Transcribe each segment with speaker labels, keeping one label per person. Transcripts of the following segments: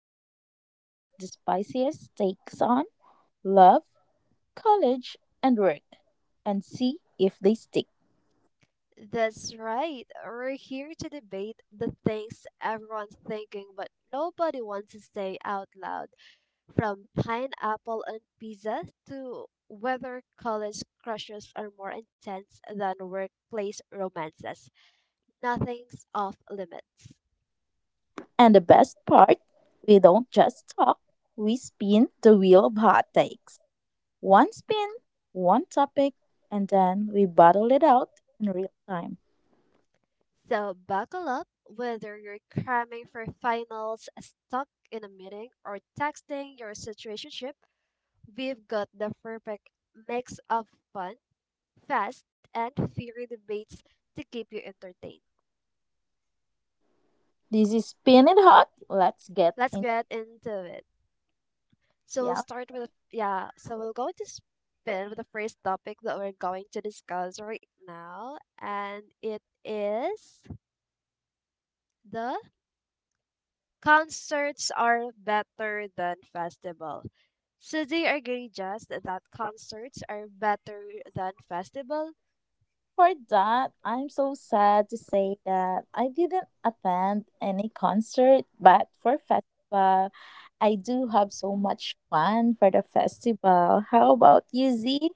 Speaker 1: where we throw out the spiciest takes on love, college, and work and see if they stick.
Speaker 2: That's right. We're here to debate the things everyone's thinking but nobody wants to say out loud, from pineapple and pizza to whether college crushes are more intense than workplace romances. Nothing's off limits.
Speaker 1: And the best part, we don't just talk, we spin the wheel of hot takes. One spin, one topic, and then we bottle it out in real time.
Speaker 2: So buckle up, whether you're cramming for finals, stuck in a meeting, or texting your situationship, we've got the perfect mix of fun fast, and fiery debates to keep you entertained.
Speaker 1: This is Spin It Hot. Let's get
Speaker 2: Let's
Speaker 1: in.
Speaker 2: get into it. So we'll
Speaker 1: Yeah.
Speaker 2: start with yeah. So we'll go to spin with the first topic that we're going to discuss right now, and it is the concerts are better than festival. So do agree, Just, that concerts are better than festival?
Speaker 1: For that, I'm so sad to say that I didn't attend any concert, but for festival, I do have so much fun for the festival. How about you, Z?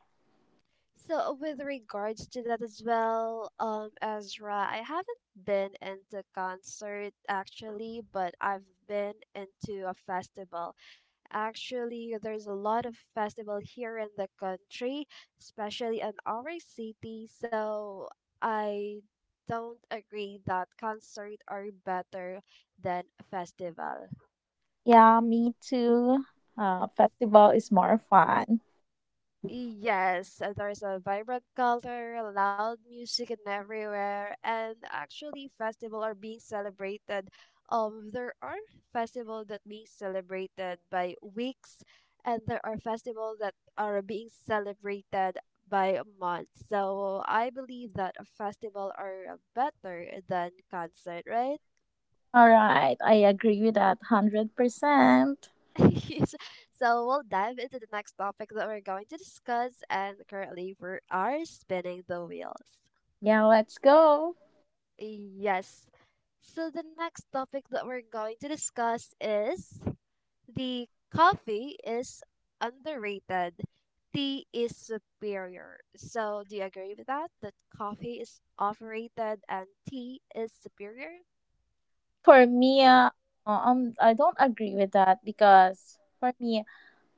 Speaker 2: So with regards to that as well, Ezra, I haven't been into concert actually, but I've been into a festival. Actually, there's a lot of festival here in the country, especially in our city. So I don't agree that concert are better than festival.
Speaker 1: Yeah, me too. Festival is more fun.
Speaker 2: Yes, there's a vibrant color, loud music and everywhere, and actually festival are being celebrated. There are festivals that being celebrated by weeks, and there are festivals that are being celebrated by months. So I believe that a festival are better than concert, right?
Speaker 1: All right, I agree with that 100%.
Speaker 2: Yes. So we'll dive into the next topic that we're going to discuss, and currently we are spinning the wheels.
Speaker 1: Yeah, let's go.
Speaker 2: Yes. So the next topic that we're going to discuss is the coffee is underrated, tea is superior. So do you agree with that? That coffee is overrated and tea is superior?
Speaker 1: For me, I don't agree with that because for me,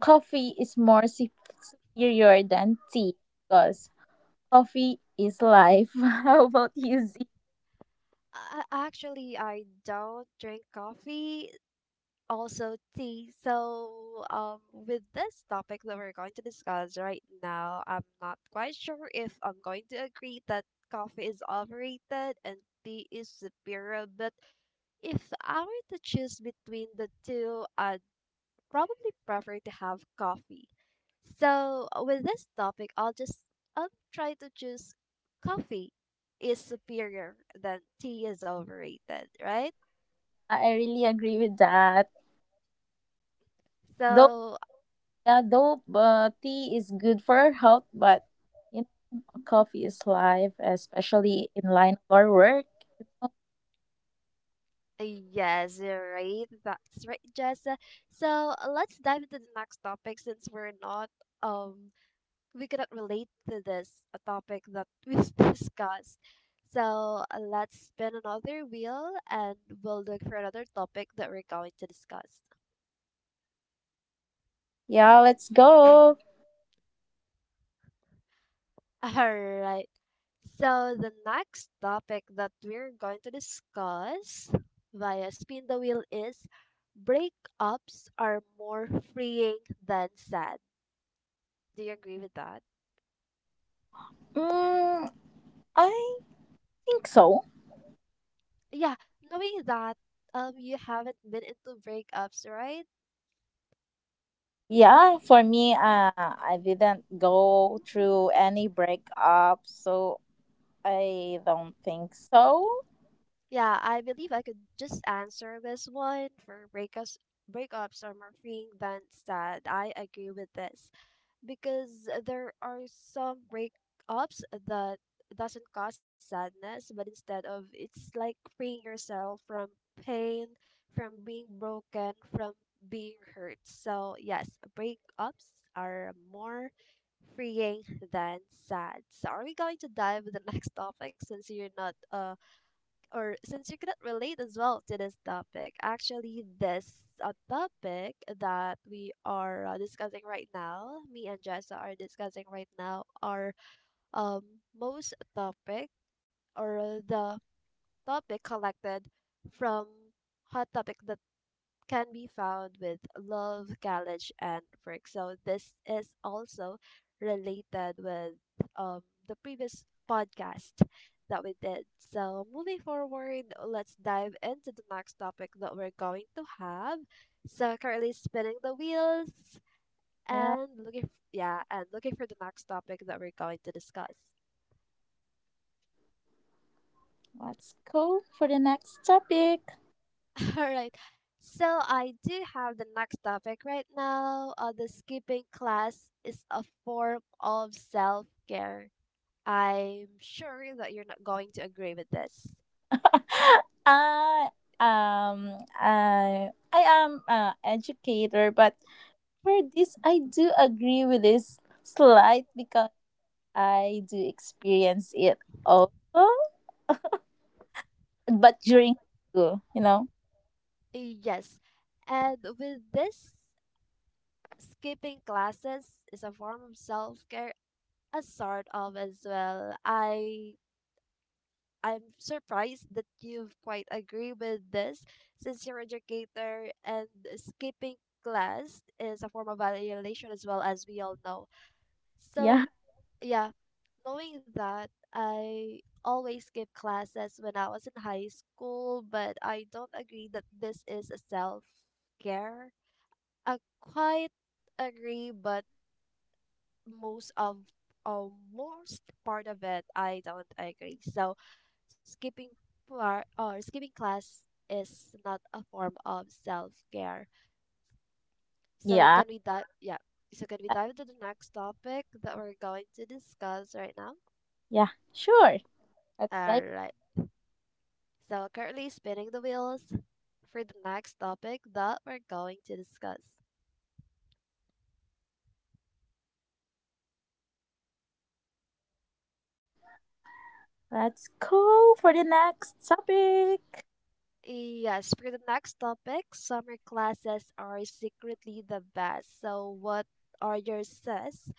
Speaker 1: coffee is more superior than tea because coffee is life. How about you, Zia?
Speaker 2: Actually, I don't drink coffee, also tea. So, with this topic that we're going to discuss right now, I'm not quite sure if I'm going to agree that coffee is overrated and tea is superior. But if I were to choose between the two, I'd probably prefer to have coffee. So, with this topic, I'll try to choose coffee is superior than tea is overrated, right?
Speaker 1: I really agree with that. Though,
Speaker 2: So,
Speaker 1: yeah, though tea is good for our health, but you know, coffee is life, especially in line of our work.
Speaker 2: yes, you're right. That's right, Jess. So let's dive into the next topic since um we cannot relate to this a topic that we've discussed. So let's spin another wheel and we'll look for another topic that we're going to discuss.
Speaker 1: Yeah, let's go.
Speaker 2: Alright. So the next topic that we're going to discuss via spin the wheel is breakups are more freeing than sad. Do you agree with that?
Speaker 1: Mm, I think so.
Speaker 2: Yeah, knowing that you haven't been into breakups, right?
Speaker 1: Yeah, for me, I didn't go through any breakup, so I don't think so.
Speaker 2: Yeah, I believe I could just answer this one for breakups. Are more freeing than sad. I agree with this, because there are some breakups that doesn't cause sadness, but instead of it's like freeing yourself from pain, from being broken, from being hurt. So yes, breakups are more freeing than sad. So are we going to dive the next topic since you're not or since you couldn't relate as well to this topic? Actually, this topic that we are discussing right now, me and Jessa are discussing right now, are um most topic or the topic collected from hot topic can be found with love, college, and work. So this is also related with um, the previous podcast that we did. So moving forward, let's dive into the next topic that we're going to have. So currently spinning the wheels
Speaker 1: Yeah,
Speaker 2: and yeah, and looking for the next topic that we're going to discuss.
Speaker 1: let's go for the next topic.
Speaker 2: All right. So I do have the next topic right now. The skipping class is a form of self care. I'm sure that you're not going to agree with this.
Speaker 1: I I am an educator, but for this, I do agree with this slide because I do experience it also, but during school, you know.
Speaker 2: Yes. And with this, skipping classes is a form of self-care, a sort of as well. I'm surprised that you've quite agree with this since you're educator and skipping class is a form of violation as well, as we all know. So
Speaker 1: Yeah,
Speaker 2: yeah, knowing that I always skip classes when I was in high school, but I don't agree that this is a self-care. I quite agree, but most of uh, most part of it I don't agree. So skipping par or skipping class is not a form of self-care. So
Speaker 1: yeah,
Speaker 2: can we dive yeah. So can we dive into the next topic that we're going to discuss right now?
Speaker 1: yeah, sure. That's
Speaker 2: All
Speaker 1: like.
Speaker 2: right. So currently spinning the wheels for the next topic that we're going to discuss.
Speaker 1: Let's go for the next topic.
Speaker 2: Yes, for the next topic, summer classes are secretly the best. So what are your says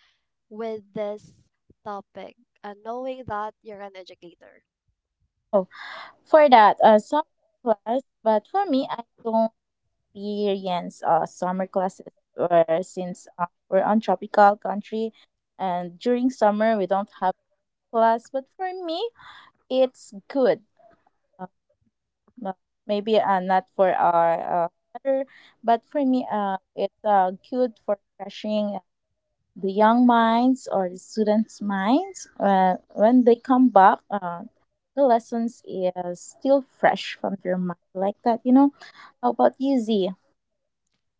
Speaker 2: with this topic, and knowing that you're an educator.
Speaker 1: Oh, for that, summer class. But for me, I don't experience summer classes since we're on tropical country, and during summer we don't have class. But for me, it's good. Uh, m- Maybe not for our weather, but for me, it's good for refreshing the young minds or the students' minds when they come back. The lessons is still fresh from their mind like that, you know. How about you, Z?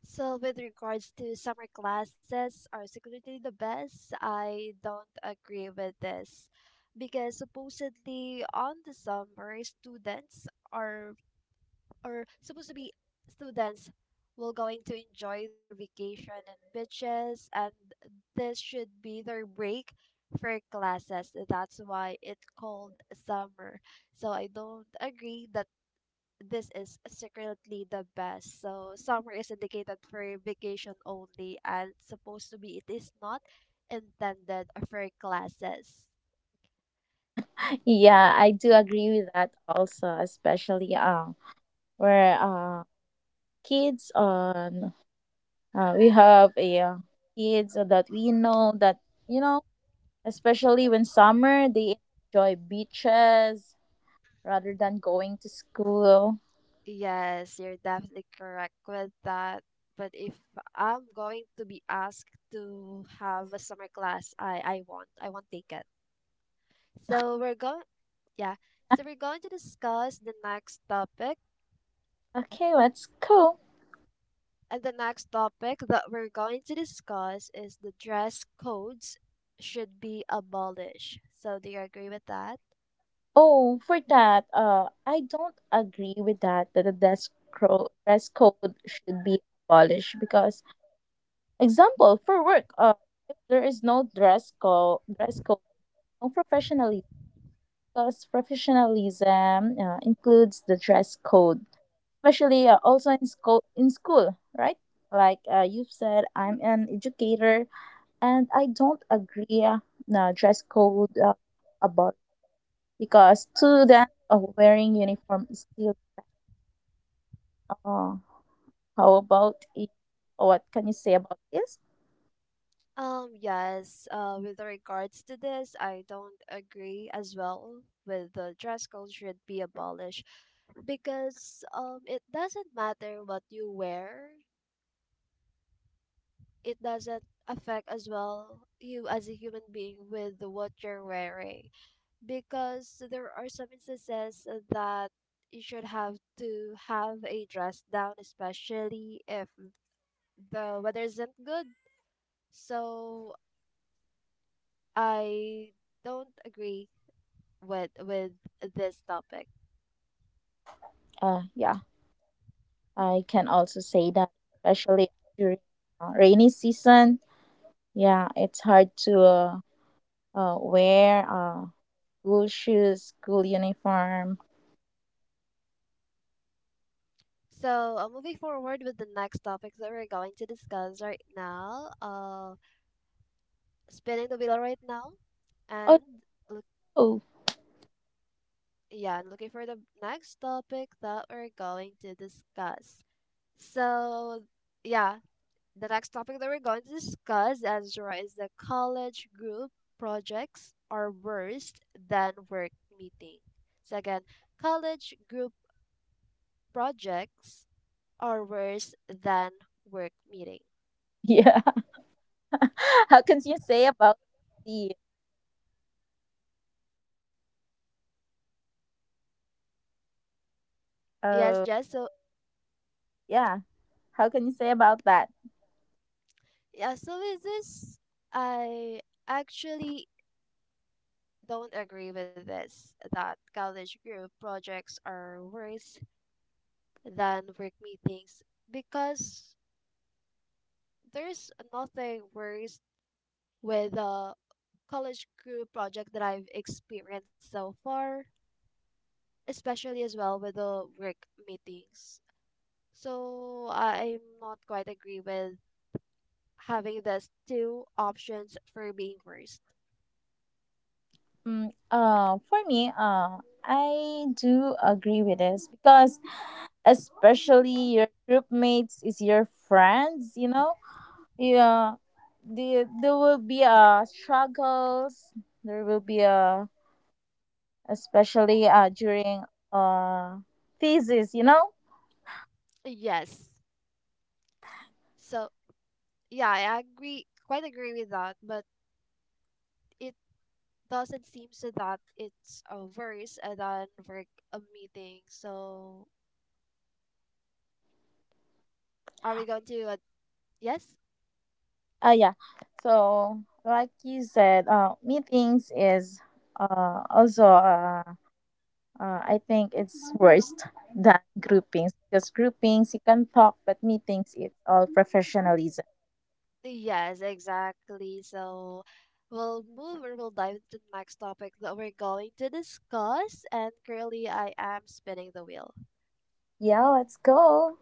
Speaker 2: So, with regards to summer classes are secretly the best, I don't agree with this because supposedly on the summer students are or supposed to be students will going to enjoy their vacation and beaches, and this should be their break for classes. That's why it's called summer. So I don't agree that this is secretly the best. So summer is indicated for vacation only and supposed to be it is not intended for classes.
Speaker 1: Yeah, I do agree with that also, especially where kids on we have a kids that we know that, you know, especially when summer they enjoy beaches rather than going to school.
Speaker 2: Yes, you're definitely correct with that. But if I'm going to be asked to have a summer class, I won't. I won't take it. So we're going yeah. So we're going to discuss the next topic.
Speaker 1: Okay, let's go.
Speaker 2: And the next topic that we're going to discuss is the dress codes should be abolished. So, do you agree with that?
Speaker 1: Oh, for that, I don't agree with that that the dress code should be abolished because example for work, if there is no dress code, no professionalism because professionalism includes the dress code, especially also in school, right? Like you've said, I'm an educator, and I don't agree, no, dress code, about because students wearing uniform is still. Oh, how about it? What can you say about this?
Speaker 2: Yes, with regards to this, I don't agree as well with the dress code should be abolished because it doesn't matter what you wear, it doesn't affect as well you as a human being with what you're wearing, because there are some instances that you should have to have a dress down, especially if the weather isn't good. So I don't agree with this topic.
Speaker 1: Yeah, I can also say that, especially during rainy season. Yeah, it's hard to wear school shoes, school uniform.
Speaker 2: So moving forward with the next topics that we're going to discuss right now, spinning the wheel right now,
Speaker 1: Oh,
Speaker 2: and look,
Speaker 1: no.
Speaker 2: yeah, and looking for the next topic that we're going to discuss. So yeah, the next topic that we're going to discuss, Ezra, is the college group projects are worse than work meeting. So again, college group projects are worse than work meeting.
Speaker 1: Yeah. How can you say about the?
Speaker 2: Yes,
Speaker 1: Uh,
Speaker 2: Jess. So
Speaker 1: yeah. How can you say about that?
Speaker 2: yeah, so with this, I actually don't agree with this that college group projects are worse than work meetings because there's nothing worse with a college crew project that I've experienced so far, especially as well with the work meetings. So I'm not quite agree with having this two options for being worst.
Speaker 1: For me, I do agree with this because especially your group mates is your friends, you know. Yeah, there will be struggles, there will be especially during uh thesis, you know.
Speaker 2: Yes. So yeah, I agree quite agree with that, but it doesn't seem so that it's worse than work a meeting. So are we going to yes?
Speaker 1: Yeah, so like you said, meetings is also, I think it's worse than groupings because groupings you can talk but meetings it's all professionalism.
Speaker 2: Yes, exactly. So we'll move or we'll dive into the next topic that we're going to discuss. And currently, I am spinning the wheel.
Speaker 1: Yeah, let's go.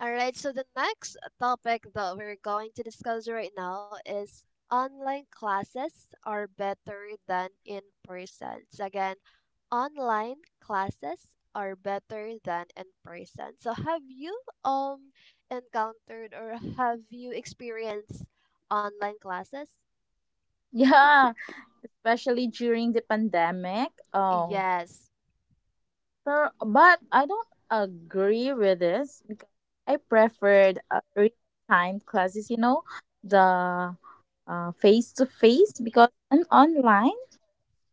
Speaker 2: All right, so the next topic that we're going to discuss right now is online classes are better than in person. So again, online classes are better than in person. So have you um encountered or have you experienced online classes?
Speaker 1: Yeah, especially during the pandemic. Oh,
Speaker 2: Yes,
Speaker 1: pero, but I don't agree with this because I preferred real time classes, you know, the face to face because and online,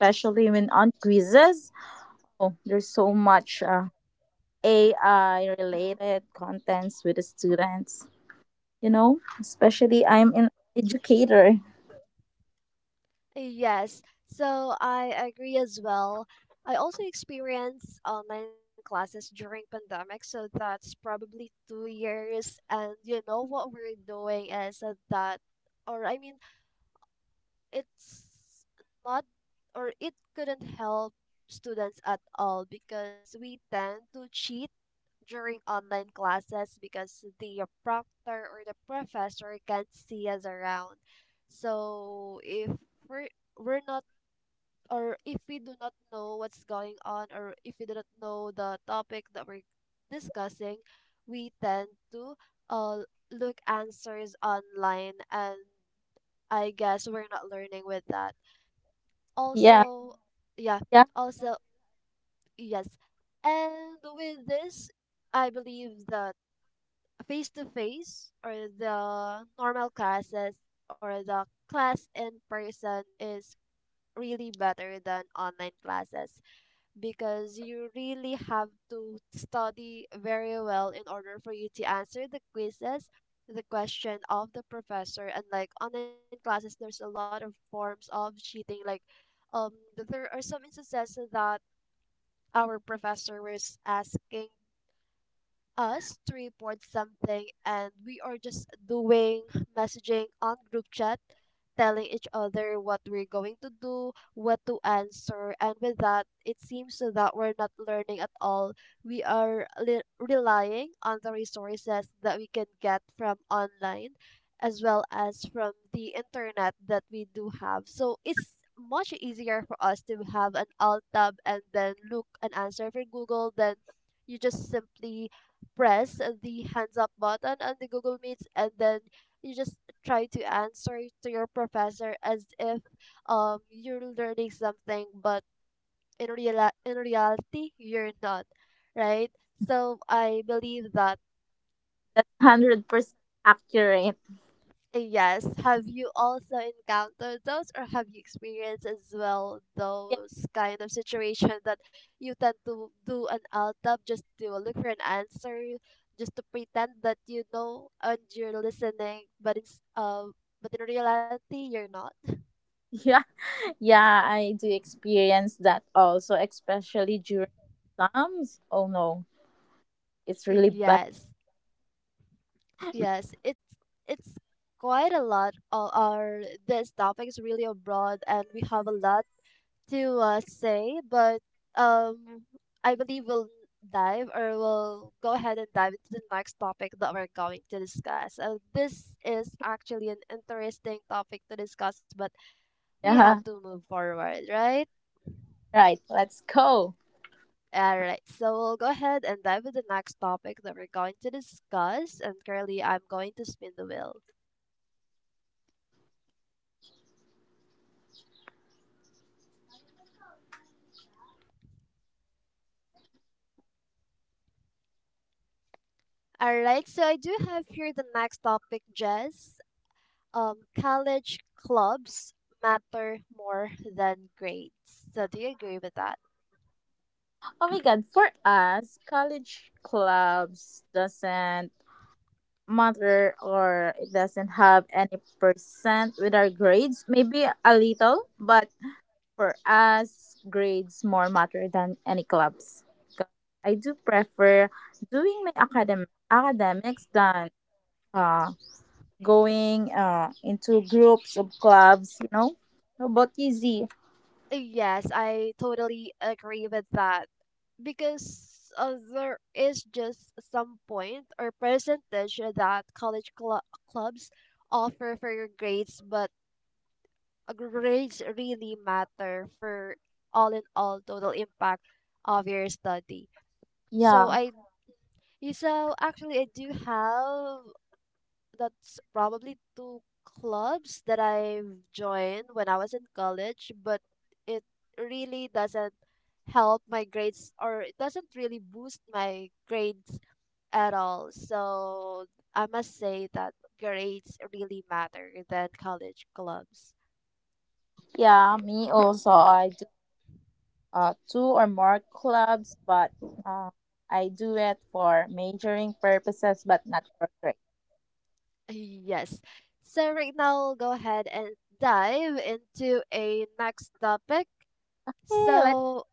Speaker 1: especially when on quizzes, oh, there's so much AI related contents with the students, you know, especially I'm an educator.
Speaker 2: yes. So I agree as well. I also experienced online classes during pandemic, so that's probably 2 years. And you know what we're doing is that, or I mean, it's not, or it couldn't help students at all because we tend to cheat during online classes because the proctor or the professor can't see us around. So if we're, we're not, or if we do not know what's going on, or if we do not know the topic that we're discussing, we tend to uh, look answers online, and I guess we're not learning with that.
Speaker 1: Yeah,
Speaker 2: Also, yeah,
Speaker 1: yeah,
Speaker 2: also, yes. And with this, I believe the face to face or the normal classes or the class in person is really better than online classes because you really have to study very well in order for you to answer the quizzes, the question of the professor. And like online classes, there's a lot of forms of cheating, like um there are some instances that our professor was asking us to report something, and we are just doing messaging on group chat, telling each other what we're going to do, what to answer. And with that, it seems that we're not learning at all. We are relying on the resources that we can get from online as well as from the internet that we do have. So it's much easier for us to have an alt tab and then look an answer for Google than you just simply press the hands up button on the Google Meets, and then you just try to answer to your professor as if you're learning something, but in reality you're not, right? So I believe that
Speaker 1: that's 100% accurate.
Speaker 2: yes. Have you also encountered those or have you experienced as well
Speaker 1: Yeah,
Speaker 2: those kind of situation that you tend to do an LTAB just to look for an answer, just to pretend that you know and you're listening, but it's but in reality you're not?
Speaker 1: yeah. Yeah, I do experience that also, especially during exams. Oh no, it's really bad.
Speaker 2: Yes, yes, it's quite a lot. All our This topic is really broad, and we have a lot to say, but um, I believe we'll go ahead and dive into the next topic that we're going to discuss. This is actually an interesting topic to discuss, but we have
Speaker 1: Yeah.
Speaker 2: to move forward, right?
Speaker 1: Right, let's go.
Speaker 2: All right, so we'll go ahead and dive into the next topic that we're going to discuss. And currently, I'm going to spin the wheel. All right, so I do have here the next topic, Jess. um, College clubs matter more than grades. So, do you agree with that?
Speaker 1: Oh my god, for us, college clubs doesn't matter or it doesn't have any percent with our grades. Maybe a little, but for us, grades more matter than any clubs. 'Cause I do prefer doing my academics than uh, going into groups of clubs, you know? How about you, Z?
Speaker 2: Yes, I totally agree with that because there is just some point or percentage that clubs offer for your grades, but grades really matter for all in all total impact of your study. So
Speaker 1: Yeah,
Speaker 2: I, so actually I do have that's probably two clubs that I've joined when I was in college, but it really doesn't help my grades or it doesn't really boost my grades at all. So I must say that grades really matter than college clubs.
Speaker 1: yeah, me also. I do two or more clubs, but uh, I do it for majoring purposes, but not for grade.
Speaker 2: Yes. So right now, I'll go ahead and dive into a next topic.
Speaker 1: Hey, let's.
Speaker 2: So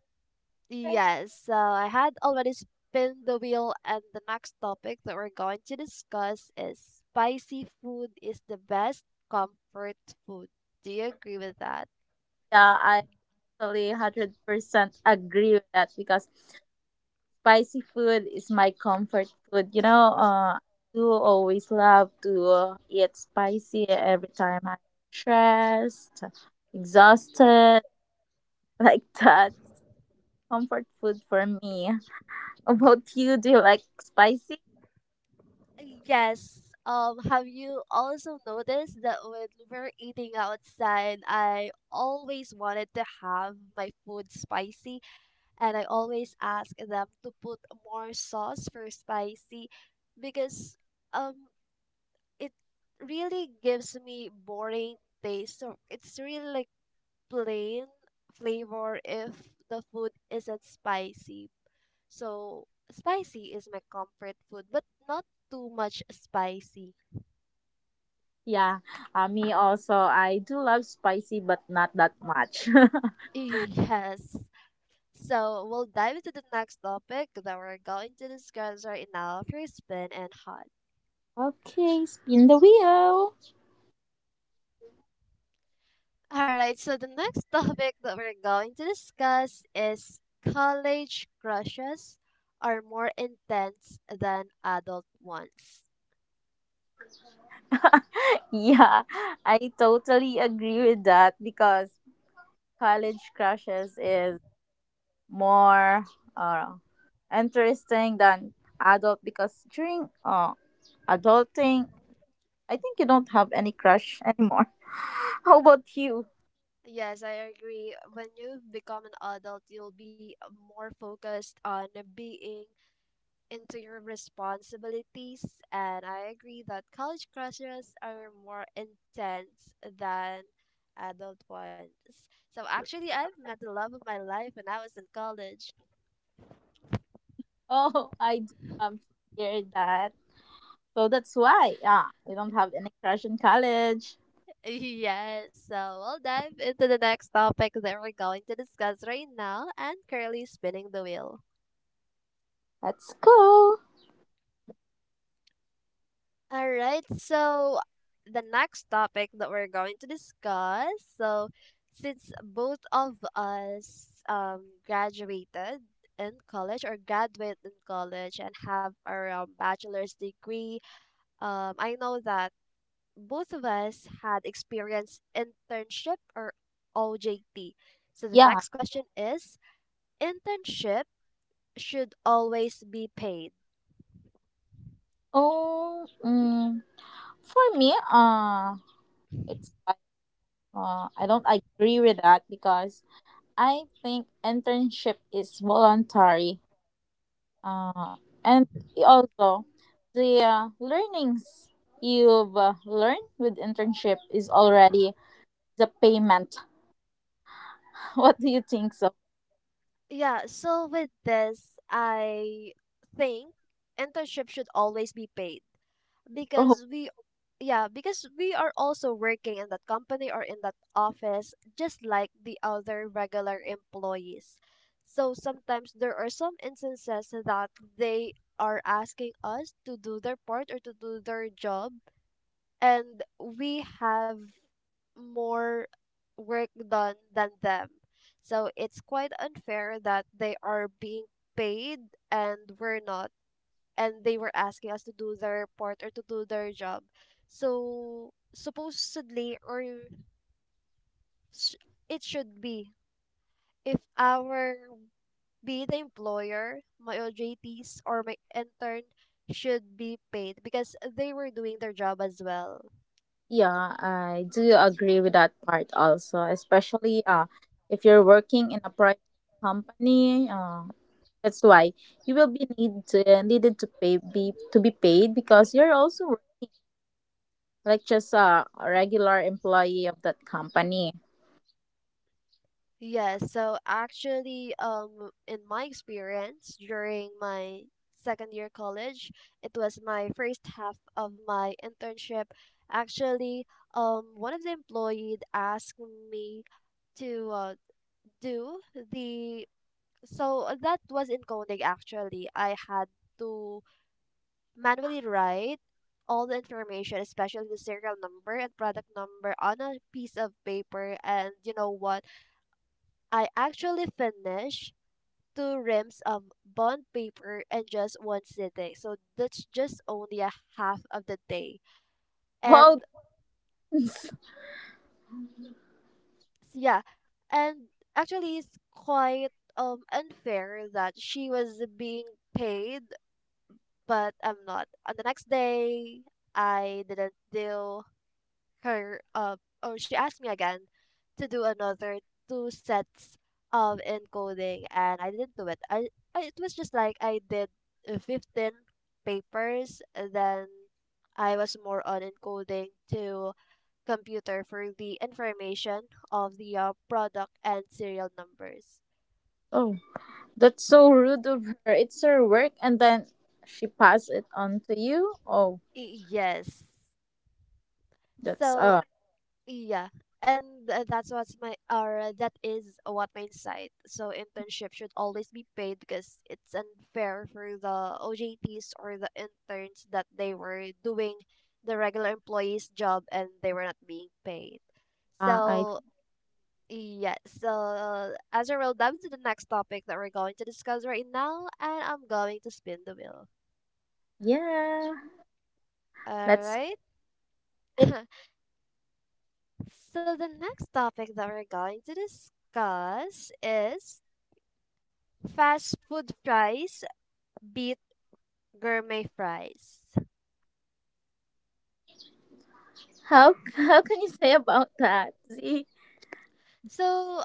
Speaker 2: Yes, so I had already spun the wheel, and the next topic that we're going to discuss is spicy food is the best comfort food. Do you agree with that?
Speaker 1: Yeah, I totally 100% agree with that because spicy food is my comfort food. You know, I do always love to eat spicy every time I'm stressed, exhausted, like that. Comfort food for me. How about you, do you like spicy?
Speaker 2: Yes. Have you also noticed that when we're eating outside, I always wanted to have my food spicy, and I always ask them to put more sauce for spicy because um it really gives me boring taste. So it's really like plain flavor if the food isn't spicy. So spicy is my comfort food, but not too much spicy.
Speaker 1: Yeah, me also. I do love spicy, but not that much.
Speaker 2: Yes. So we'll dive into the next topic that we're going to discuss right now: free spin and hot.
Speaker 1: Okay, spin the wheel.
Speaker 2: All right, so the next topic that we're going to discuss is college crushes are more intense than adult ones.
Speaker 1: Yeah, I totally agree with that because college crushes is more uh, interesting than adult because during adulting, I think you don't have any crush anymore. How about you?
Speaker 2: Yes, I agree. When you become an adult, you'll be more focused on being into your responsibilities, and I agree that college crushes are more intense than adult ones. So actually, I've met the love of my life when I was in college.
Speaker 1: Oh, I do um, hear that. So that's why, yeah, you don't have any crush in college.
Speaker 2: Yes, so we'll dive into the next topic that we're going to discuss right now and Curly spinning the wheel.
Speaker 1: That's cool.
Speaker 2: All right, so the next topic that we're going to discuss, so since both of us graduated in college and have our bachelor's degree, I know that both of us had experienced internship or OJT. So the
Speaker 1: Yeah.
Speaker 2: next question is internship should always be paid.
Speaker 1: Oh, for me, it's like, I don't agree with that because I think internship is voluntary, uh, and also the learnings you've learned with internship is already the payment. What do you think so?
Speaker 2: Yeah, so with this, I think internship should always be paid
Speaker 1: Oh.
Speaker 2: because we yeah, because we are also working in that company or in that office just like the other regular employees. So sometimes there are some instances that they are asking us to do their part or to do their job and we have more work done than them. So it's quite unfair that they are being paid and we're not, and they were asking us to do their part or to do their job. So supposedly, s- it should be if our be it the employer, my OJTs or my intern should be paid because they were doing their job as well.
Speaker 1: Yeah, I do agree with that part also, especially if you're working in a private company, that's why you will be needed to pay be to be paid because you're also like just a regular employee of that company.
Speaker 2: Yes, so actually, in my experience during my second year college, it was my first half of my internship. Actually, one of the employees asked me to do the so that was in coding actually. I had to manually write all the information, especially the serial number and product number, on a piece of paper. And you know what? I actually finished two rims of bond paper in just one sitting. So that's just only a half of the day. And
Speaker 1: Wow.
Speaker 2: yeah, and actually, it's quite unfair that she was being paid, but I'm not. On the next day, I didn't do her or she asked me again to do another two sets of encoding and I didn't do it. I, it was just like I did 15 papers and then I was more on encoding to computer for the information of the product and serial numbers.
Speaker 1: Oh. That's so rude of her. It's her work, and then she passed it on to you. Oh,
Speaker 2: Y- Yes.
Speaker 1: that's
Speaker 2: So Yeah, and that's what's my or that is what my insight. So internship should always be paid because it's unfair for the OJTs or the interns that they were doing the regular employees' job and they were not being paid.
Speaker 1: I
Speaker 2: So yeah, so as a roll down to the next topic that we're going to discuss right now, and I'm going to spin the wheel.
Speaker 1: yeah.
Speaker 2: All
Speaker 1: That's
Speaker 2: right.
Speaker 1: sick.
Speaker 2: So the next topic that we're going to discuss is fast food fries beat gourmet fries.
Speaker 1: How can you say about that? See,
Speaker 2: So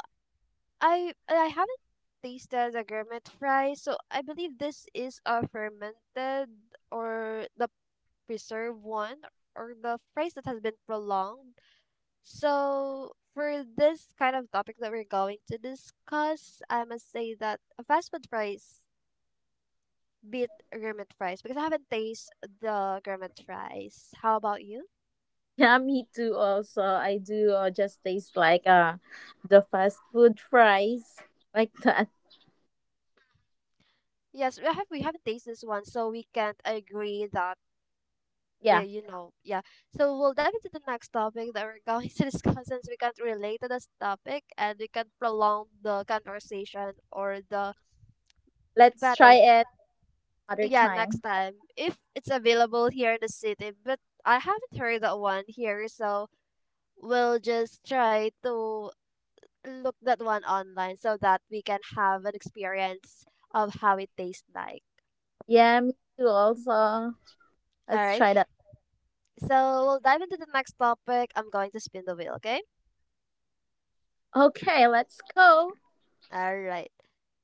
Speaker 2: I haven't tasted the gourmet fries, so I believe this is a fermented or the preserved one or the fries that has been prolonged. So for this kind of topic that we're going to discuss, I must say that a fast food fries beat gourmet fries because I haven't tasted the gourmet fries. How about you?
Speaker 1: yeah, me too. Also, I do just taste like the fast food fries like that.
Speaker 2: Yes, we haven't tasted this one, so we can't agree that the
Speaker 1: Yeah,
Speaker 2: you know Yeah. So we'll dive into the next topic that we're going to discuss since we can't relate to this topic and we can prolong the conversation or the
Speaker 1: let's
Speaker 2: battle.
Speaker 1: try it other
Speaker 2: Yeah, next
Speaker 1: time.
Speaker 2: time if it's available here in the city, but I haven't heard that one here, so we'll just try to look that one online so that we can have an experience of how it tastes like.
Speaker 1: Yeah, me too. Also,
Speaker 2: All
Speaker 1: let's
Speaker 2: right.
Speaker 1: try that.
Speaker 2: So we'll dive into the next topic. I'm going to spin the wheel, okay?
Speaker 1: Okay, let's go.
Speaker 2: All right.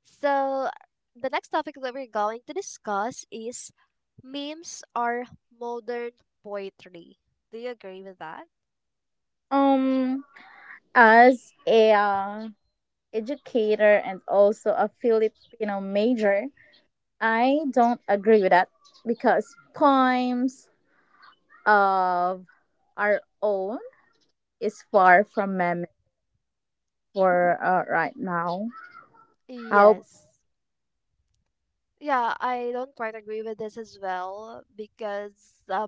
Speaker 2: So the next topic that we're going to discuss is memes are modern poetry. Do you agree with that?
Speaker 1: Um, as a educator and also a Filipino major, I don't agree with that because poems of our own is far from memes for right now. How?
Speaker 2: Yes. Yeah, I don't quite agree with this as well because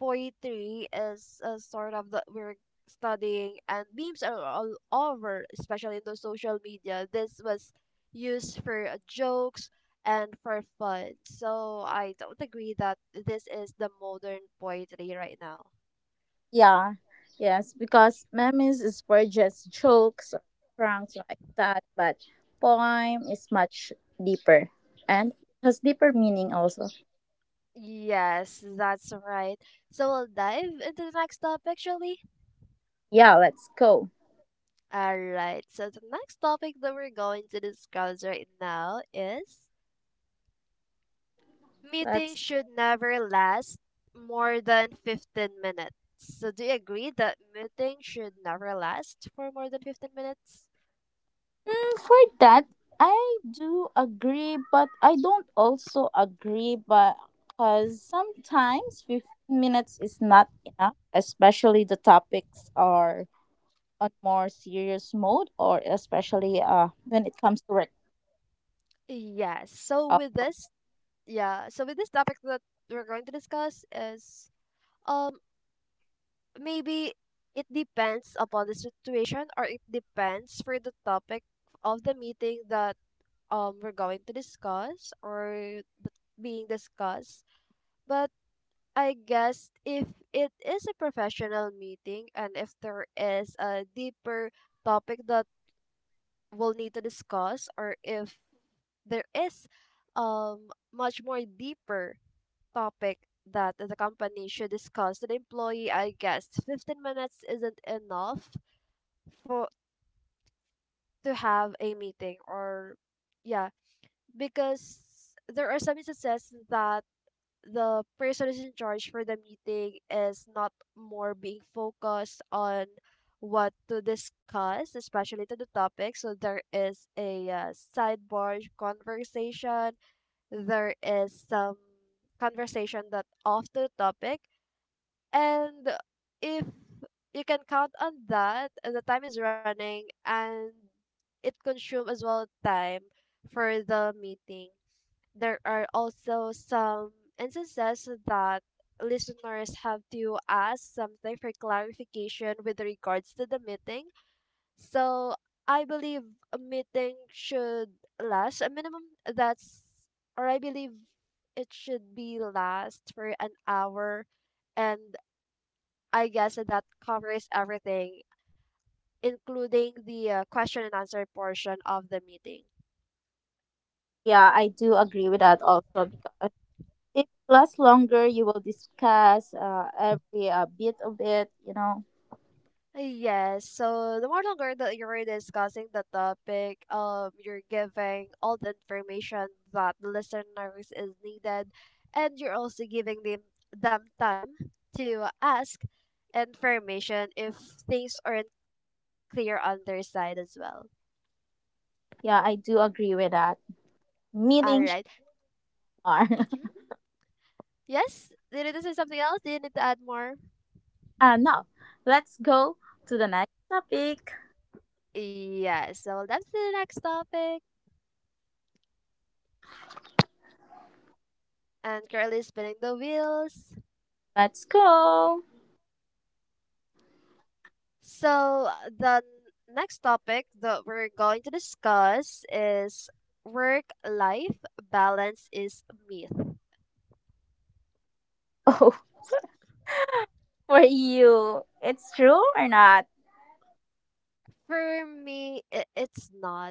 Speaker 2: poetry is a sort of the we're studying and memes are all over, especially in the social media. This was used for jokes and for fun. So I don't agree that this is the modern poetry right now.
Speaker 1: Yeah, yes, because memes is for just jokes or pranks like that, but poem is much deeper and has deeper meaning also.
Speaker 2: Yes, that's right. So we'll dive into the next topic, shall we?
Speaker 1: Yeah, let's go.
Speaker 2: All right. So the next topic that we're going to discuss right now is meetings
Speaker 1: Let's.
Speaker 2: should never last more than 15 minutes. So, do you agree that meetings should never last for more than 15 minutes?
Speaker 1: For that, I do agree, but I don't also agree, but because sometimes 15 minutes is not enough, especially the topics are on more serious mode, or especially when it comes to work.
Speaker 2: Yes. So,
Speaker 1: Uh,
Speaker 2: with this, yeah, so with this topic that we're going to discuss is um maybe it depends upon the situation or it depends for the topic of the meeting that we're going to discuss being discussed. But I guess if it is a professional meeting and if there is a deeper topic that we'll need to discuss, or if there is much more deeper topic that the company should discuss to the employee, I guess 15 minutes isn't enough for to have a meeting or yeah, because there are some instances that the person who's in charge for the meeting is not more being focused on what to discuss, especially to the topic. So there is a sidebar conversation, there is some conversation that off to the topic, and if you can count on that, the time is running and it consumes as well time for the meeting. There are also some instances that listeners have to ask something for clarification with regards to the meeting. So I believe a meeting should last a minimum that's, or I believe it should be last for an hour. And I guess that covers everything, including the question and answer portion of the meeting.
Speaker 1: yeah, I do agree with that also because if it lasts longer, you will discuss every bit of it. You know,
Speaker 2: Yes, so the more longer that you're discussing the topic, you're giving all the information that the listeners is needed, and you're also giving them time to ask information if things aren't clear on their side as well.
Speaker 1: yeah, I do agree with that.
Speaker 2: All right.
Speaker 1: Meetings are.
Speaker 2: Mhm. Yes, did you say something else? Do you need to add more?
Speaker 1: And now, let's go to the next topic.
Speaker 2: Yes, so that's the next topic. And currently spinning the wheels.
Speaker 1: Let's go.
Speaker 2: So the next topic that we're going to discuss is work life balance is myth.
Speaker 1: Oh, for you, it's true or not?
Speaker 2: For me, it's not.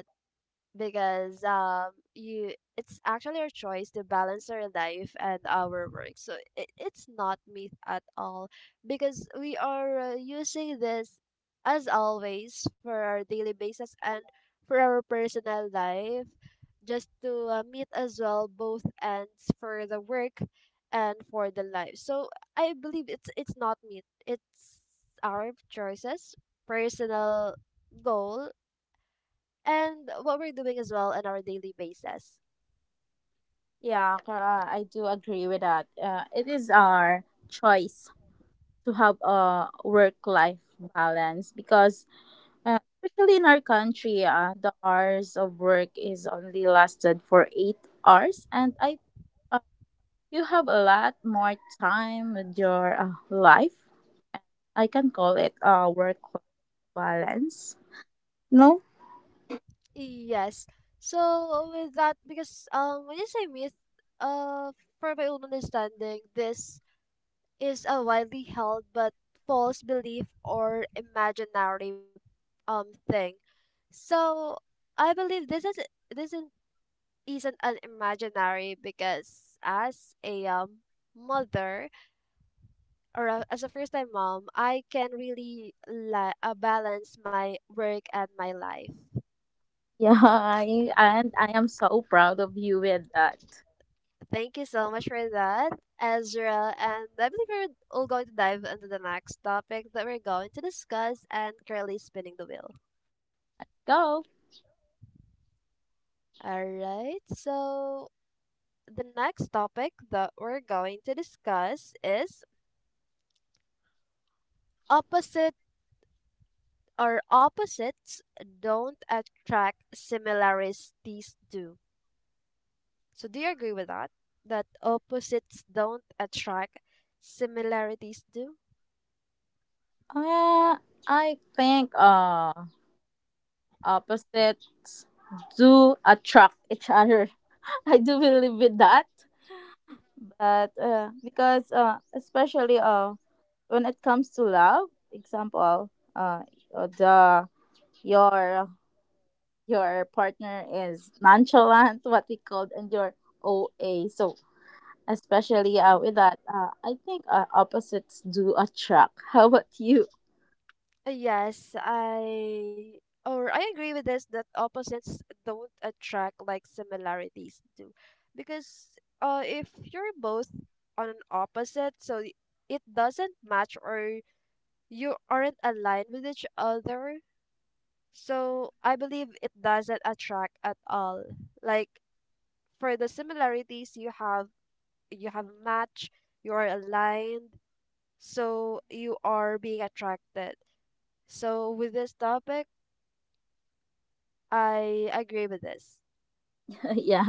Speaker 2: Because you it's actually our choice to balance our life and our work so it's not myth at all because we are using this as always for our daily basis and for our personal life just to meet as well both ends for the work and for the life so I believe it's not myth, it's our choices, personal goal, and what we're doing as well on our daily basis.
Speaker 1: Yeah, Clara, I do agree with that. It is our choice to have a work-life balance because, uh, especially in our country, the hours of work is only lasted for 8 hours, and I, uh, you have a lot more time with your life. I can call it a work-life balance. No?
Speaker 2: Yes. So with that, because when you say myth, uh, for my own understanding, this is a widely held but false belief or imaginary thing. So I believe this this is, isn't an imaginary because as a mother or as a first time mom, I can really balance my work and my life.
Speaker 1: Yeah, I, and I am so proud of you with that.
Speaker 2: Thank you so much for that, Ezra. And I believe we're all going to dive into the next topic that we're going to discuss and currently spinning the wheel.
Speaker 1: Go.
Speaker 2: All right, so the next topic that we're going to discuss is opposite or opposites don't attract, similarities do. So do you agree with that? That opposites don't attract, similarities do?
Speaker 1: Uh, I think opposites do attract each other. I do believe with that, but because especially when it comes to love, example, the your your partner is nonchalant, what we called, and your OA. So especially with that, I think opposites do attract. How about you?
Speaker 2: Yes, I agree with this that opposites don't attract like similarities do. Because if you're both on an opposite, so it doesn't match or you aren't aligned with each other. So I believe it doesn't attract at all. Like for the similarities you have, you have match, you are aligned, so you are being attracted. So with this topic, I agree with this.
Speaker 1: Yeah,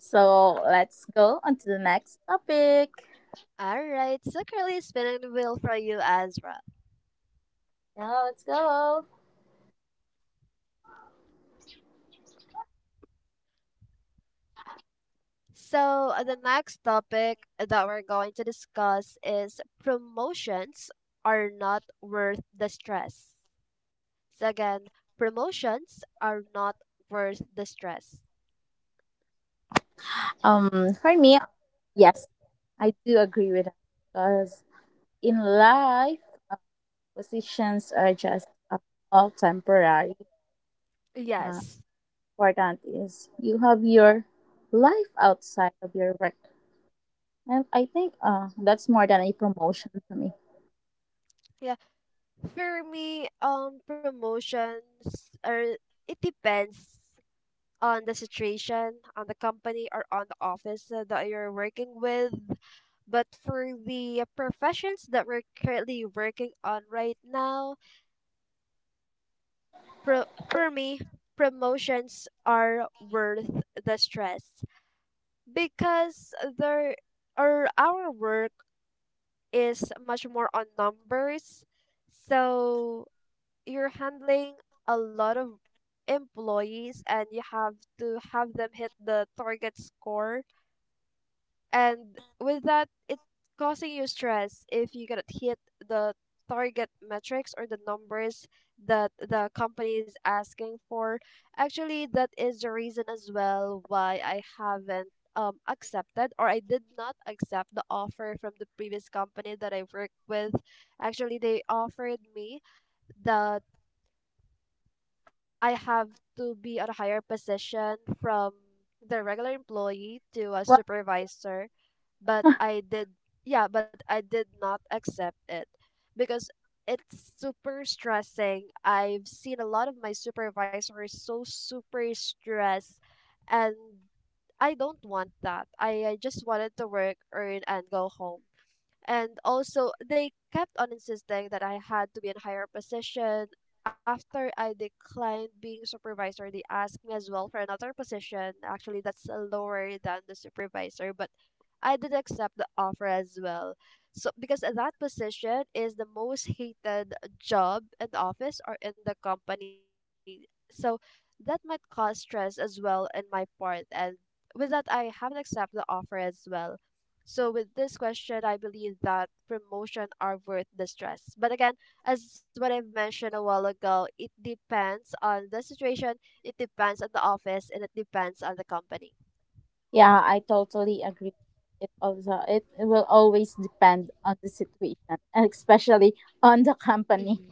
Speaker 1: so let's go on to the next topic.
Speaker 2: All right, so currently spinning the wheel for you, Ezra.
Speaker 1: Yeah, let's go.
Speaker 2: So the next topic that we're going to discuss is promotions are not worth the stress. So again, promotions are not worth the stress.
Speaker 1: For me, yes, I do agree with that because in life, uh, positions are just all temporary, uh,
Speaker 2: Yes.
Speaker 1: important is you have your life outside of your work, and I think that's more than a promotion to me.
Speaker 2: Yeah. For me, promotions are, it depends on the situation, on the company, or on the office that you're working with. But for the professions that we're currently working on right now, for me, promotions are worth the stress because there or our work is much more on numbers. So you're handling a lot of employees and you have to have them hit the target score, and with that it's causing you stress if you cannot hit the target metrics or the numbers that the company is asking for. Actually, that is the reason as well why I haven't accepted, or I did not accept the offer from the previous company that I worked with. Actually, they offered me the, I have to be at a higher position from the regular employee to a
Speaker 1: Well,
Speaker 2: supervisor, but I did, yeah, but I did not accept it because it's super stressing. I've seen a lot of my supervisors so super stressed, and I don't want that. I just wanted to work, earn, and go home. And also, they kept on insisting that I had to be in higher position. After I declined being supervisor, they asked me as well for another position. Actually, that's lower than the supervisor, but I did accept the offer as well. So, because that position is the most hated job in the office or in the company. So, that might cause stress as well in my part. And with that, I haven't accepted the offer as well. So with this question, I believe that promotion are worth the stress. But again, as what I've mentioned a while ago, it depends on the situation, it depends on the office, and it depends on the company.
Speaker 1: yeah, I totally agree. It also it will always depend on the situation and especially on the
Speaker 2: Yes,
Speaker 1: company.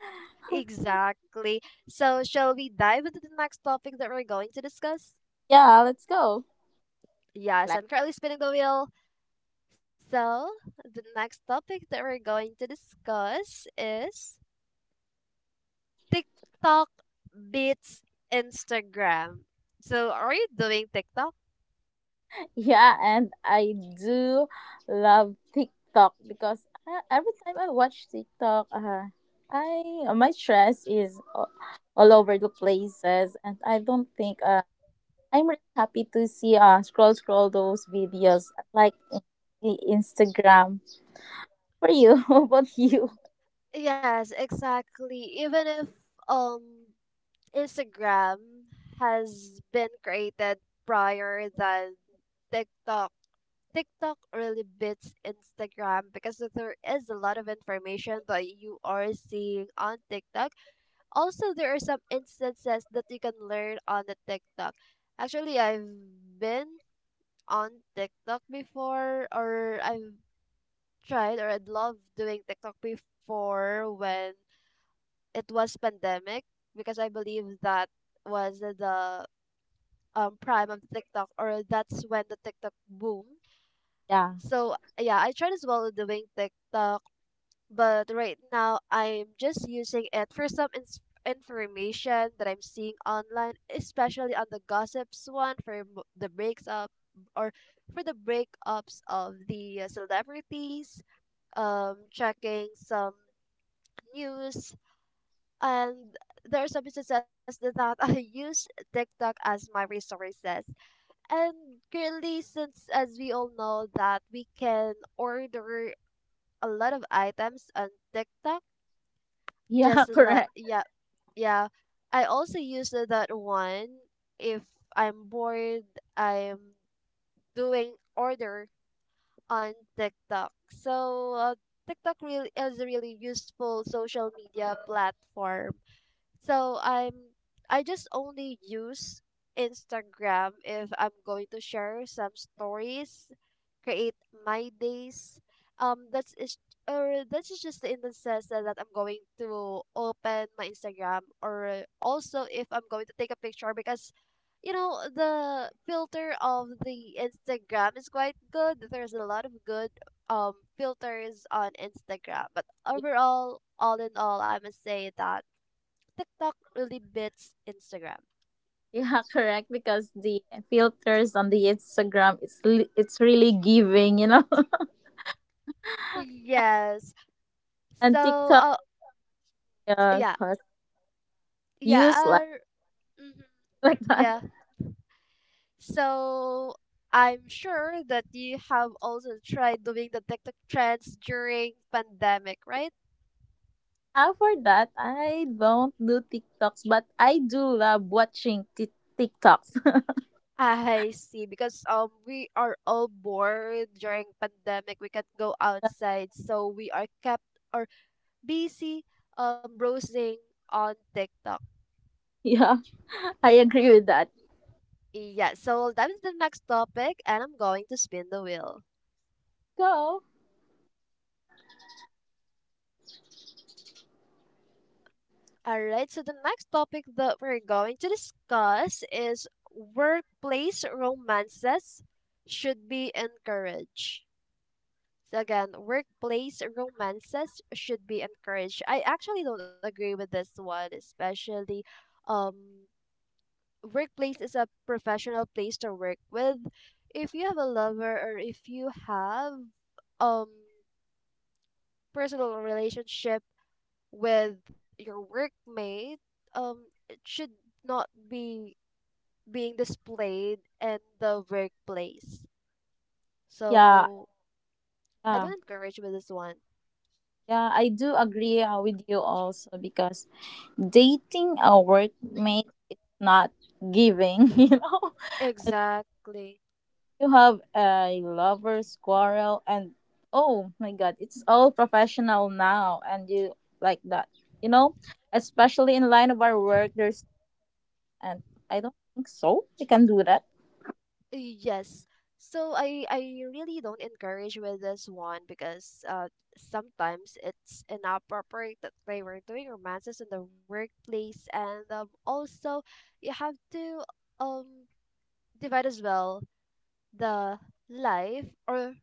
Speaker 2: exactly. So shall we dive into the next topic that we're going to discuss?
Speaker 1: Yeah, let's go.
Speaker 2: Yes,
Speaker 1: Like
Speaker 2: I'm currently spinning the wheel. So the next topic that we're going to discuss is TikTok beats Instagram. So are you doing TikTok?
Speaker 1: yeah, and I do love TikTok because every time I watch TikTok, I my stress is all over the places, and I don't think, I'm really happy to see scroll those videos like in the Instagram for you. How about you?
Speaker 2: Yes, exactly. Even if um Instagram has been created prior than TikTok, TikTok really beats Instagram because there is a lot of information that you are seeing on TikTok. Also, there are some instances that you can learn on the TikTok. Actually, I've been on TikTok before, or I've tried, or I'd love doing TikTok before when it was pandemic because I believe that was the prime of TikTok, or that's when the TikTok boom.
Speaker 1: Yeah.
Speaker 2: So yeah, I tried as well doing TikTok, but right now I'm just using it for some information that I'm seeing online, especially on the gossips one for the breaks up, or for the breakups of the celebrities. Checking some news, and there are some businesses that that I use TikTok as my resources. And currently, since as we all know that we can order a lot of items on TikTok,
Speaker 1: Yeah,
Speaker 2: just like
Speaker 1: correct.
Speaker 2: yeah, yeah, I also use that one if I'm bored, I'm doing order on TikTok. So TikTok really is a really useful social media platform. So I'm, I just only use Instagram if I'm going to share some stories, create my days. That's is or that's just in the sense that, that I'm going to open my Instagram, or also if I'm going to take a picture because you know the filter of the Instagram is quite good. There's a lot of good filters on Instagram, but overall, all in all, I must say that TikTok really beats Instagram.
Speaker 1: Yeah, correct. Because the filters on the Instagram, it's it's really giving, you know.
Speaker 2: Yes. So,
Speaker 1: And TikTok,
Speaker 2: uh,
Speaker 1: yeah,
Speaker 2: yeah,
Speaker 1: has
Speaker 2: yeah,
Speaker 1: use like
Speaker 2: mhm,
Speaker 1: like that.
Speaker 2: yeah. So, I'm sure that you have also tried doing the TikTok trends during pandemic, right?
Speaker 1: Ah, for that, I don't do TikToks, but I do love watching TikToks.
Speaker 2: I see. Because we are all bored during pandemic. We can't go outside, so we are kept or busy browsing on TikTok.
Speaker 1: Yeah, I agree with that.
Speaker 2: Yeah. So that is the next topic, and I'm going to spin the wheel.
Speaker 1: So,
Speaker 2: All right, so the next topic that we're going to discuss is workplace romances should be encouraged. So again, workplace romances should be encouraged. I actually don't agree with this one, especially um workplace is a professional place to work with. If you have a lover, or if you have um personal relationship with your workmate, um, it should not be being displayed in the workplace.
Speaker 1: yeah,
Speaker 2: So I
Speaker 1: yeah,
Speaker 2: don't encourage with this one.
Speaker 1: yeah, I do agree with you also because dating a workmate is not giving, you know? As
Speaker 2: Exactly.
Speaker 1: you have a lover's quarrel and oh my god, it's all professional now and you like that, you know? Especially in line of our work there's and I don't think so. We can do that.
Speaker 2: Yes. So I really don't encourage with this one because sometimes it's inappropriate that they were doing romances in the workplace, and also you have to um divide as well the life, or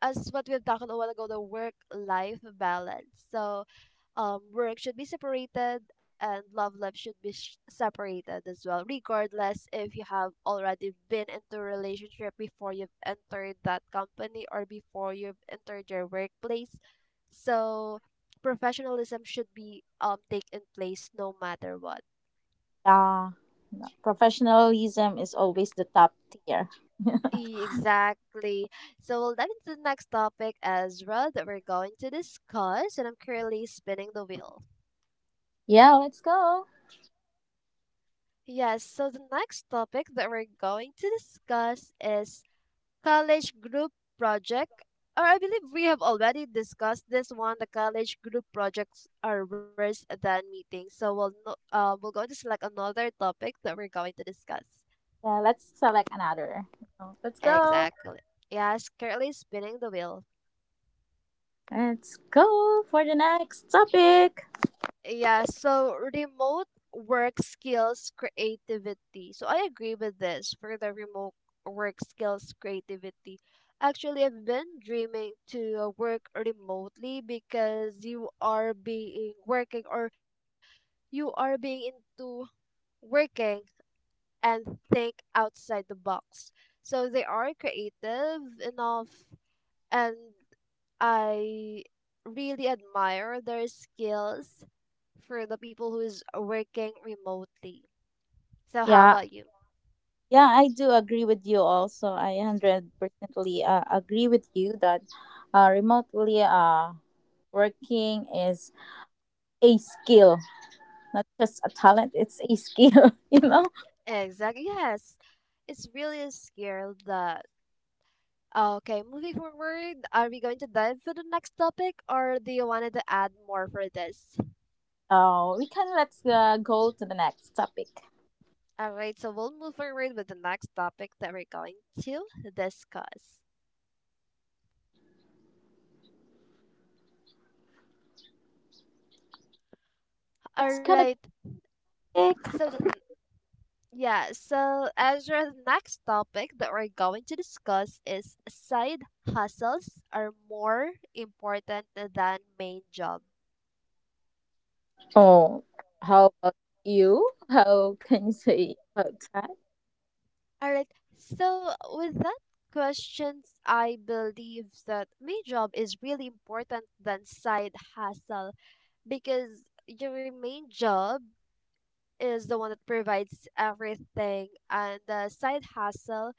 Speaker 2: as what we've talked a while ago, the work life balance. So, work should be separated and love life should be separated as well, regardless if you have already been into a relationship before you've entered that company or before you've entered your workplace. So, professionalism should be taken place no matter what.
Speaker 1: Yeah. Professionalism is always the top tier.
Speaker 2: Exactly. So we'll dive into the next topic, Ezra, that we're going to discuss, and I'm currently spinning the wheel.
Speaker 1: Yeah, let's go.
Speaker 2: Yes, so the next topic that we're going to discuss is college group project. Or I believe we have already discussed this one. The college group projects are worse than meetings. So we'll no, we're going to select another topic that we're going to discuss.
Speaker 1: Yeah, let's select another. Let's go.
Speaker 2: Exactly. Yes, currently spinning the wheel.
Speaker 1: Let's go for the next topic.
Speaker 2: Yeah, so remote work skills creativity. So I agree with this for the remote work skills creativity. Actually, I've been dreaming to work remotely because you are being working, or you are being into working and think outside the box. So they are creative enough, and I really admire their skills for the people who is working remotely. So how
Speaker 1: Yeah,
Speaker 2: about you?
Speaker 1: yeah, I do agree with you also. I 100%ly agree with you that remotely working is a skill, not just a talent, it's a skill, you know?
Speaker 2: Exactly. Yes. It's really a skill that okay, moving forward, are we going to dive to the next topic, or do you wanted to add more for this?
Speaker 1: Oh, we can, let's go to the next topic.
Speaker 2: Alright, so we'll move forward with the next topic that we're going to discuss.
Speaker 1: What's gonna
Speaker 2: Alright,
Speaker 1: be pick?
Speaker 2: so the yeah, so as our next topic that we're going to discuss is side hustles are more important than main job.
Speaker 1: Oh, how about you? How can you say about that?
Speaker 2: All right. So with that questions, I believe that main job is really important than side hustle because your main job is the one that provides everything, and the side hustle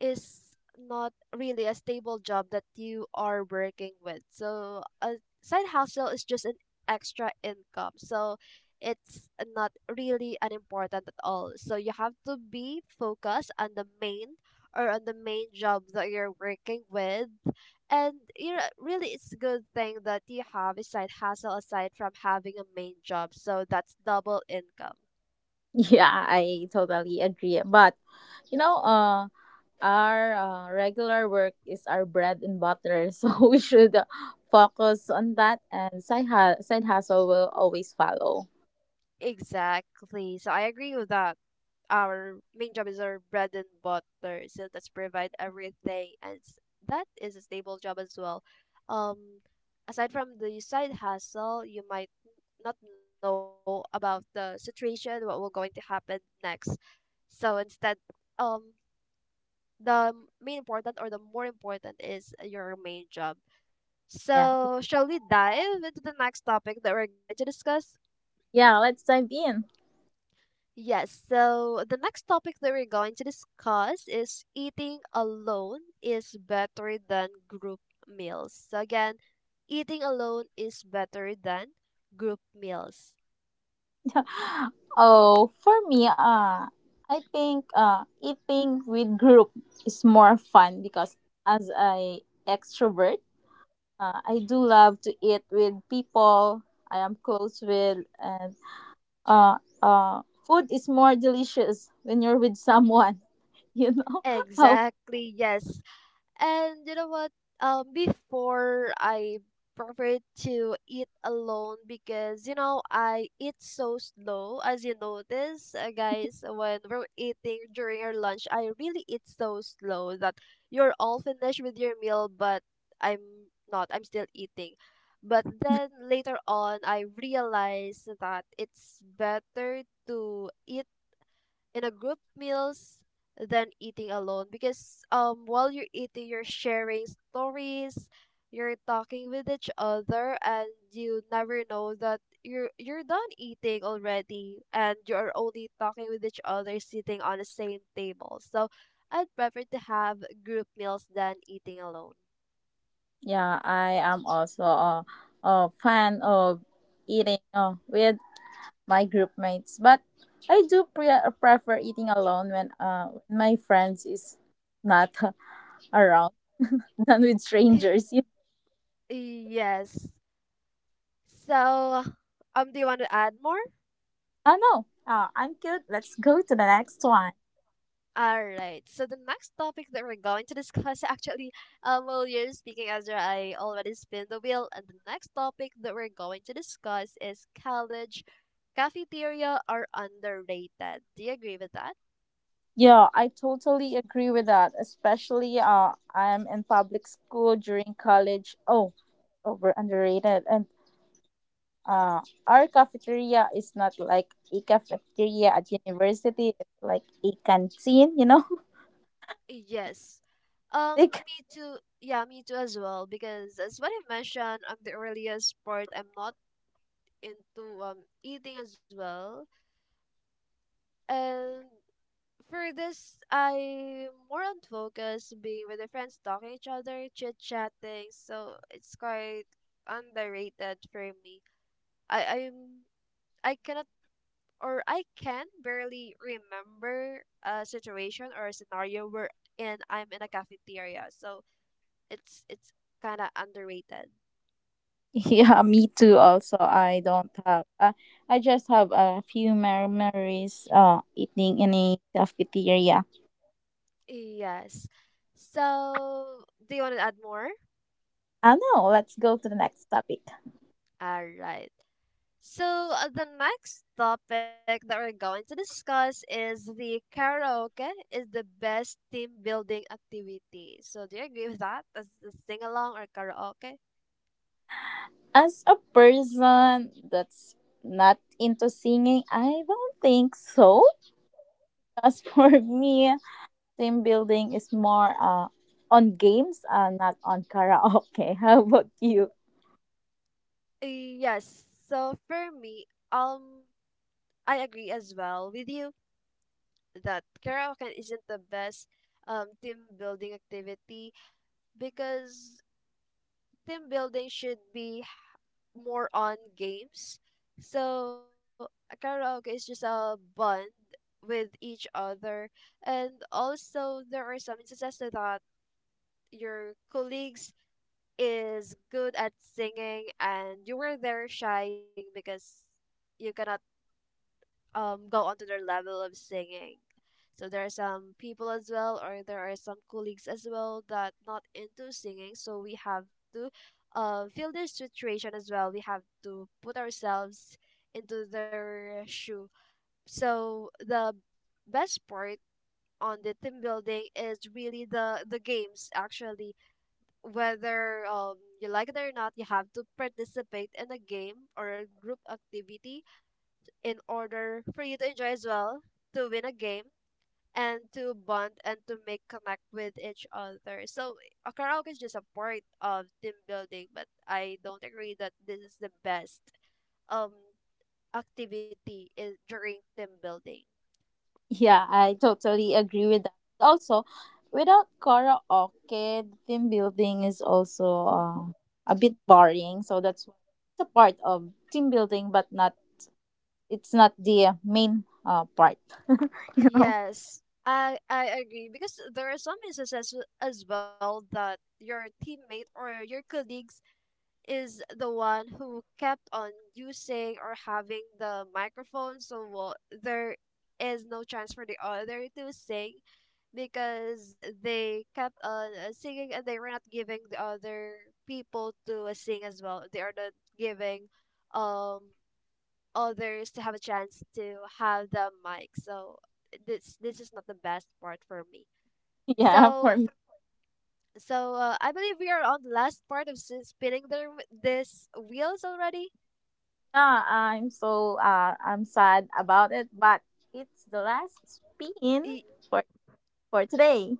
Speaker 2: is not really a stable job that you are working with. So a side hustle is just an extra income. So it's not really an important at all. So you have to be focused on the main, or on the main job that you're working with. And you know, really it's a good thing that you have a side hustle aside from having a main job. So that's double income.
Speaker 1: Yeah, I totally agree. But, you know, our regular work is our bread and butter, so we should focus on that, and side hustle will always follow.
Speaker 2: Exactly. So I agree with that. Our main job is our bread and butter, so that's provide everything, and that is a stable job as well. Um, aside from the side hustle, you might not know about the situation, what will going to happen next. So instead, um, the main important or the more important is your main job.
Speaker 1: Yeah,
Speaker 2: So shall we dive into the next topic that we're going to discuss?
Speaker 1: yeah. Let's dive in.
Speaker 2: Yes, so the next topic that we're going to discuss is eating alone is better than group meals. So, again, eating alone is better than group meals.
Speaker 1: Oh, for me, I think eating with group is more fun because as a extrovert, I do love to eat with people I am close with, and uh, food is more delicious when you're with someone. You know how?
Speaker 2: Exactly, yes. And you know what? Before I preferred to eat alone because you know I eat so slow. As you notice, guys, when we're eating during our lunch, I really eat so slow that you're all finished with your meal, but I'm not. I'm still eating. But then later on, I realized that it's better to eat in a group meals than eating alone because while you're eating, you're sharing stories, you're talking with each other, and you never know that you're done eating already and you're only talking with each other sitting on the same table. So I'd prefer to have group meals than eating alone.
Speaker 1: Yeah, I am also a fan of eating with my group mates, but I do prefer eating alone when my friends is not around than with
Speaker 2: Y-
Speaker 1: strangers. You.
Speaker 2: yes. So do you want to add more?
Speaker 1: I know. I'm good. Let's go to the next one.
Speaker 2: All right. So the next topic that we're going to discuss, actually, well, you're speaking, Ezra. I already spin the wheel, and the next topic that we're going to discuss is college cafeteria are underrated. Do you agree with that?
Speaker 1: Yeah, I totally agree with that. Especially I'm in public school during college. Oh, over underrated. And. Uh, our cafeteria is not like a cafeteria at university. It's like a canteen, you know.
Speaker 2: Yes.
Speaker 1: Like
Speaker 2: Me too. Yeah, me too as well. Because as what I mentioned on the earliest part, I'm not into eating as well, and for this, I'm more on focus being with the friends, talking each other, chit chatting. So it's quite underrated for me. I I'm I cannot, or I can barely remember a situation or a scenario where and I'm in a cafeteria. So it's kind of underrated.
Speaker 1: yeah, me too. Also, I don't have. I just have a few memories. Eating in a cafeteria.
Speaker 2: Yes. So, do you want to add more?
Speaker 1: I know. Let's go to the next topic.
Speaker 2: All right. So, the next topic that we're going to discuss is the karaoke is the best team building activity. So, do you agree with that? As the sing along or karaoke?
Speaker 1: As a person that's not into singing, I don't think so. As for me, team building is more on games, not on karaoke. How about you?
Speaker 2: Yes. So, for me, um, I agree as well with you that karaoke isn't the best team building activity because team building should be more on games. So a karaoke is just a bond with each other, and also there are some instances that your colleagues is good at singing and you were there shy singing because you cannot go onto their level of singing. So there are some people as well, or there are some colleagues as well that not into singing. So we have to feel their situation as well. We have to put ourselves into their shoe. So the best part on the team building is really the games, actually. Whether you like it or not, you have to participate in a game or a group activity in order for you to enjoy as well, to win a game, and to bond and to make connect with each other. So a karaoke is just a part of team building, but I don't agree that this is the best um activity is during team building.
Speaker 1: Yeah, I totally agree with that. Also, without karaoke, team building is also a bit boring. So that's why it's a part of team building, but not it's not the main part. You know?
Speaker 2: Yes, I agree because there are some instances as well that your teammate or your colleagues is the one who kept on using or having the microphone, so well, there is no chance for the other to sing because they kept on singing and they were not giving the other people to sing as well. They are not giving um others to have a chance to have the mic. So this is not the best part for me.
Speaker 1: Yeah, for
Speaker 2: So
Speaker 1: me,
Speaker 2: so I believe we are on the last part of spinning the this wheels already.
Speaker 1: yeah, I'm so, I'm sad about it, but it's the last spin
Speaker 2: Y-
Speaker 1: for for today.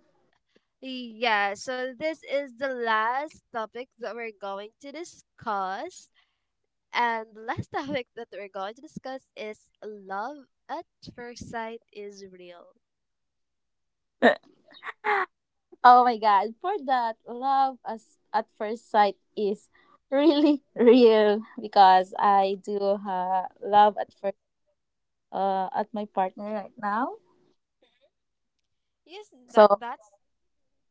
Speaker 2: yeah. So this is the last topic that we're going to discuss, and the last topic that we're going to discuss is love at first sight is real.
Speaker 1: Oh my god, for that, love as at first sight is really real because I do love at first, at my partner right now.
Speaker 2: Yes, that
Speaker 1: So
Speaker 2: that's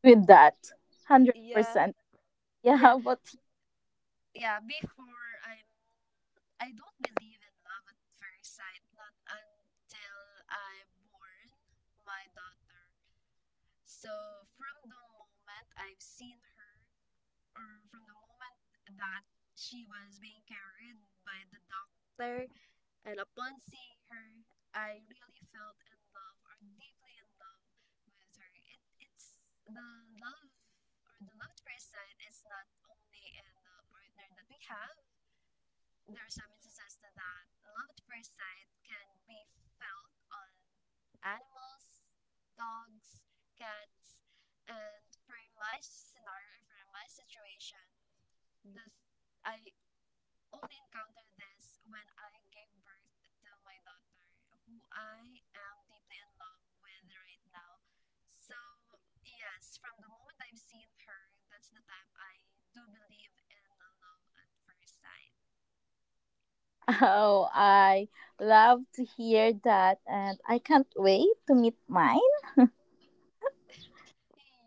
Speaker 1: with that, hundred
Speaker 2: yeah
Speaker 1: percent. Yeah,
Speaker 2: yeah
Speaker 1: but
Speaker 2: yeah. Before I don't believe in love at first sight, not until I born my daughter. So from the moment I've seen her, or from the moment that she was being carried by the doctor, and upon seeing her, I really felt in love or deeply in love with her. It's the love or the loved person is not only in the partner that we have. There are some instances that love at first sight can be felt on animals, dogs, cats, and for my scenario, for my situation, this I only encountered this when I gave birth to my daughter, who I am deeply in love with right now. So yes, from the moment I've seen her, that's the time I do believe in the love at first sight.
Speaker 1: oh, I love to hear that, and I can't wait to meet mine.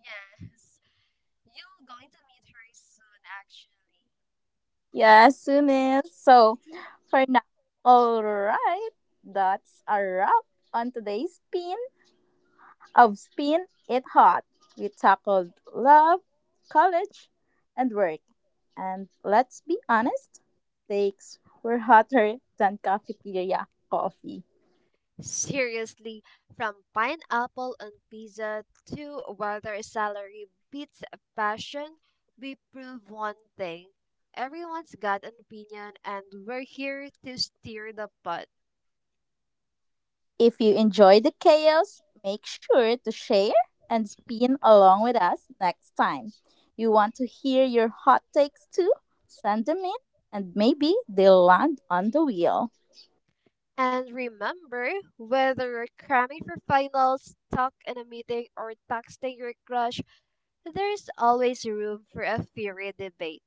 Speaker 2: Yes. You're going to meet her soon, actually.
Speaker 1: Yeah, soon as so. For now, all right, that's a wrap on today's pin of Spin It Hot. We tackled love, college, and work. And let's be honest, takes were hotter than cafeteria coffee.
Speaker 2: Seriously, from pineapple on pizza to whether salary beats passion, we prove one thing. Everyone's got an opinion, and we're here to steer the pot.
Speaker 1: If you enjoy the chaos, make sure to share and spin along with us next time. You want to hear your hot takes too? Send them in and maybe they'll land on the wheel.
Speaker 2: And remember, whether you're cramming for finals, stuck in a meeting, or texting your crush, there's always room for a fiery debate.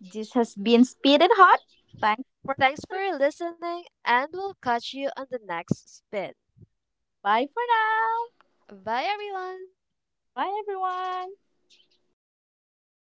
Speaker 1: This has been Speed It Hot. Thanks for
Speaker 2: Thanks for
Speaker 1: listening.
Speaker 2: listening, and we'll catch you on the next spin.
Speaker 1: Bye for now.
Speaker 2: Bye everyone!
Speaker 1: Bye everyone.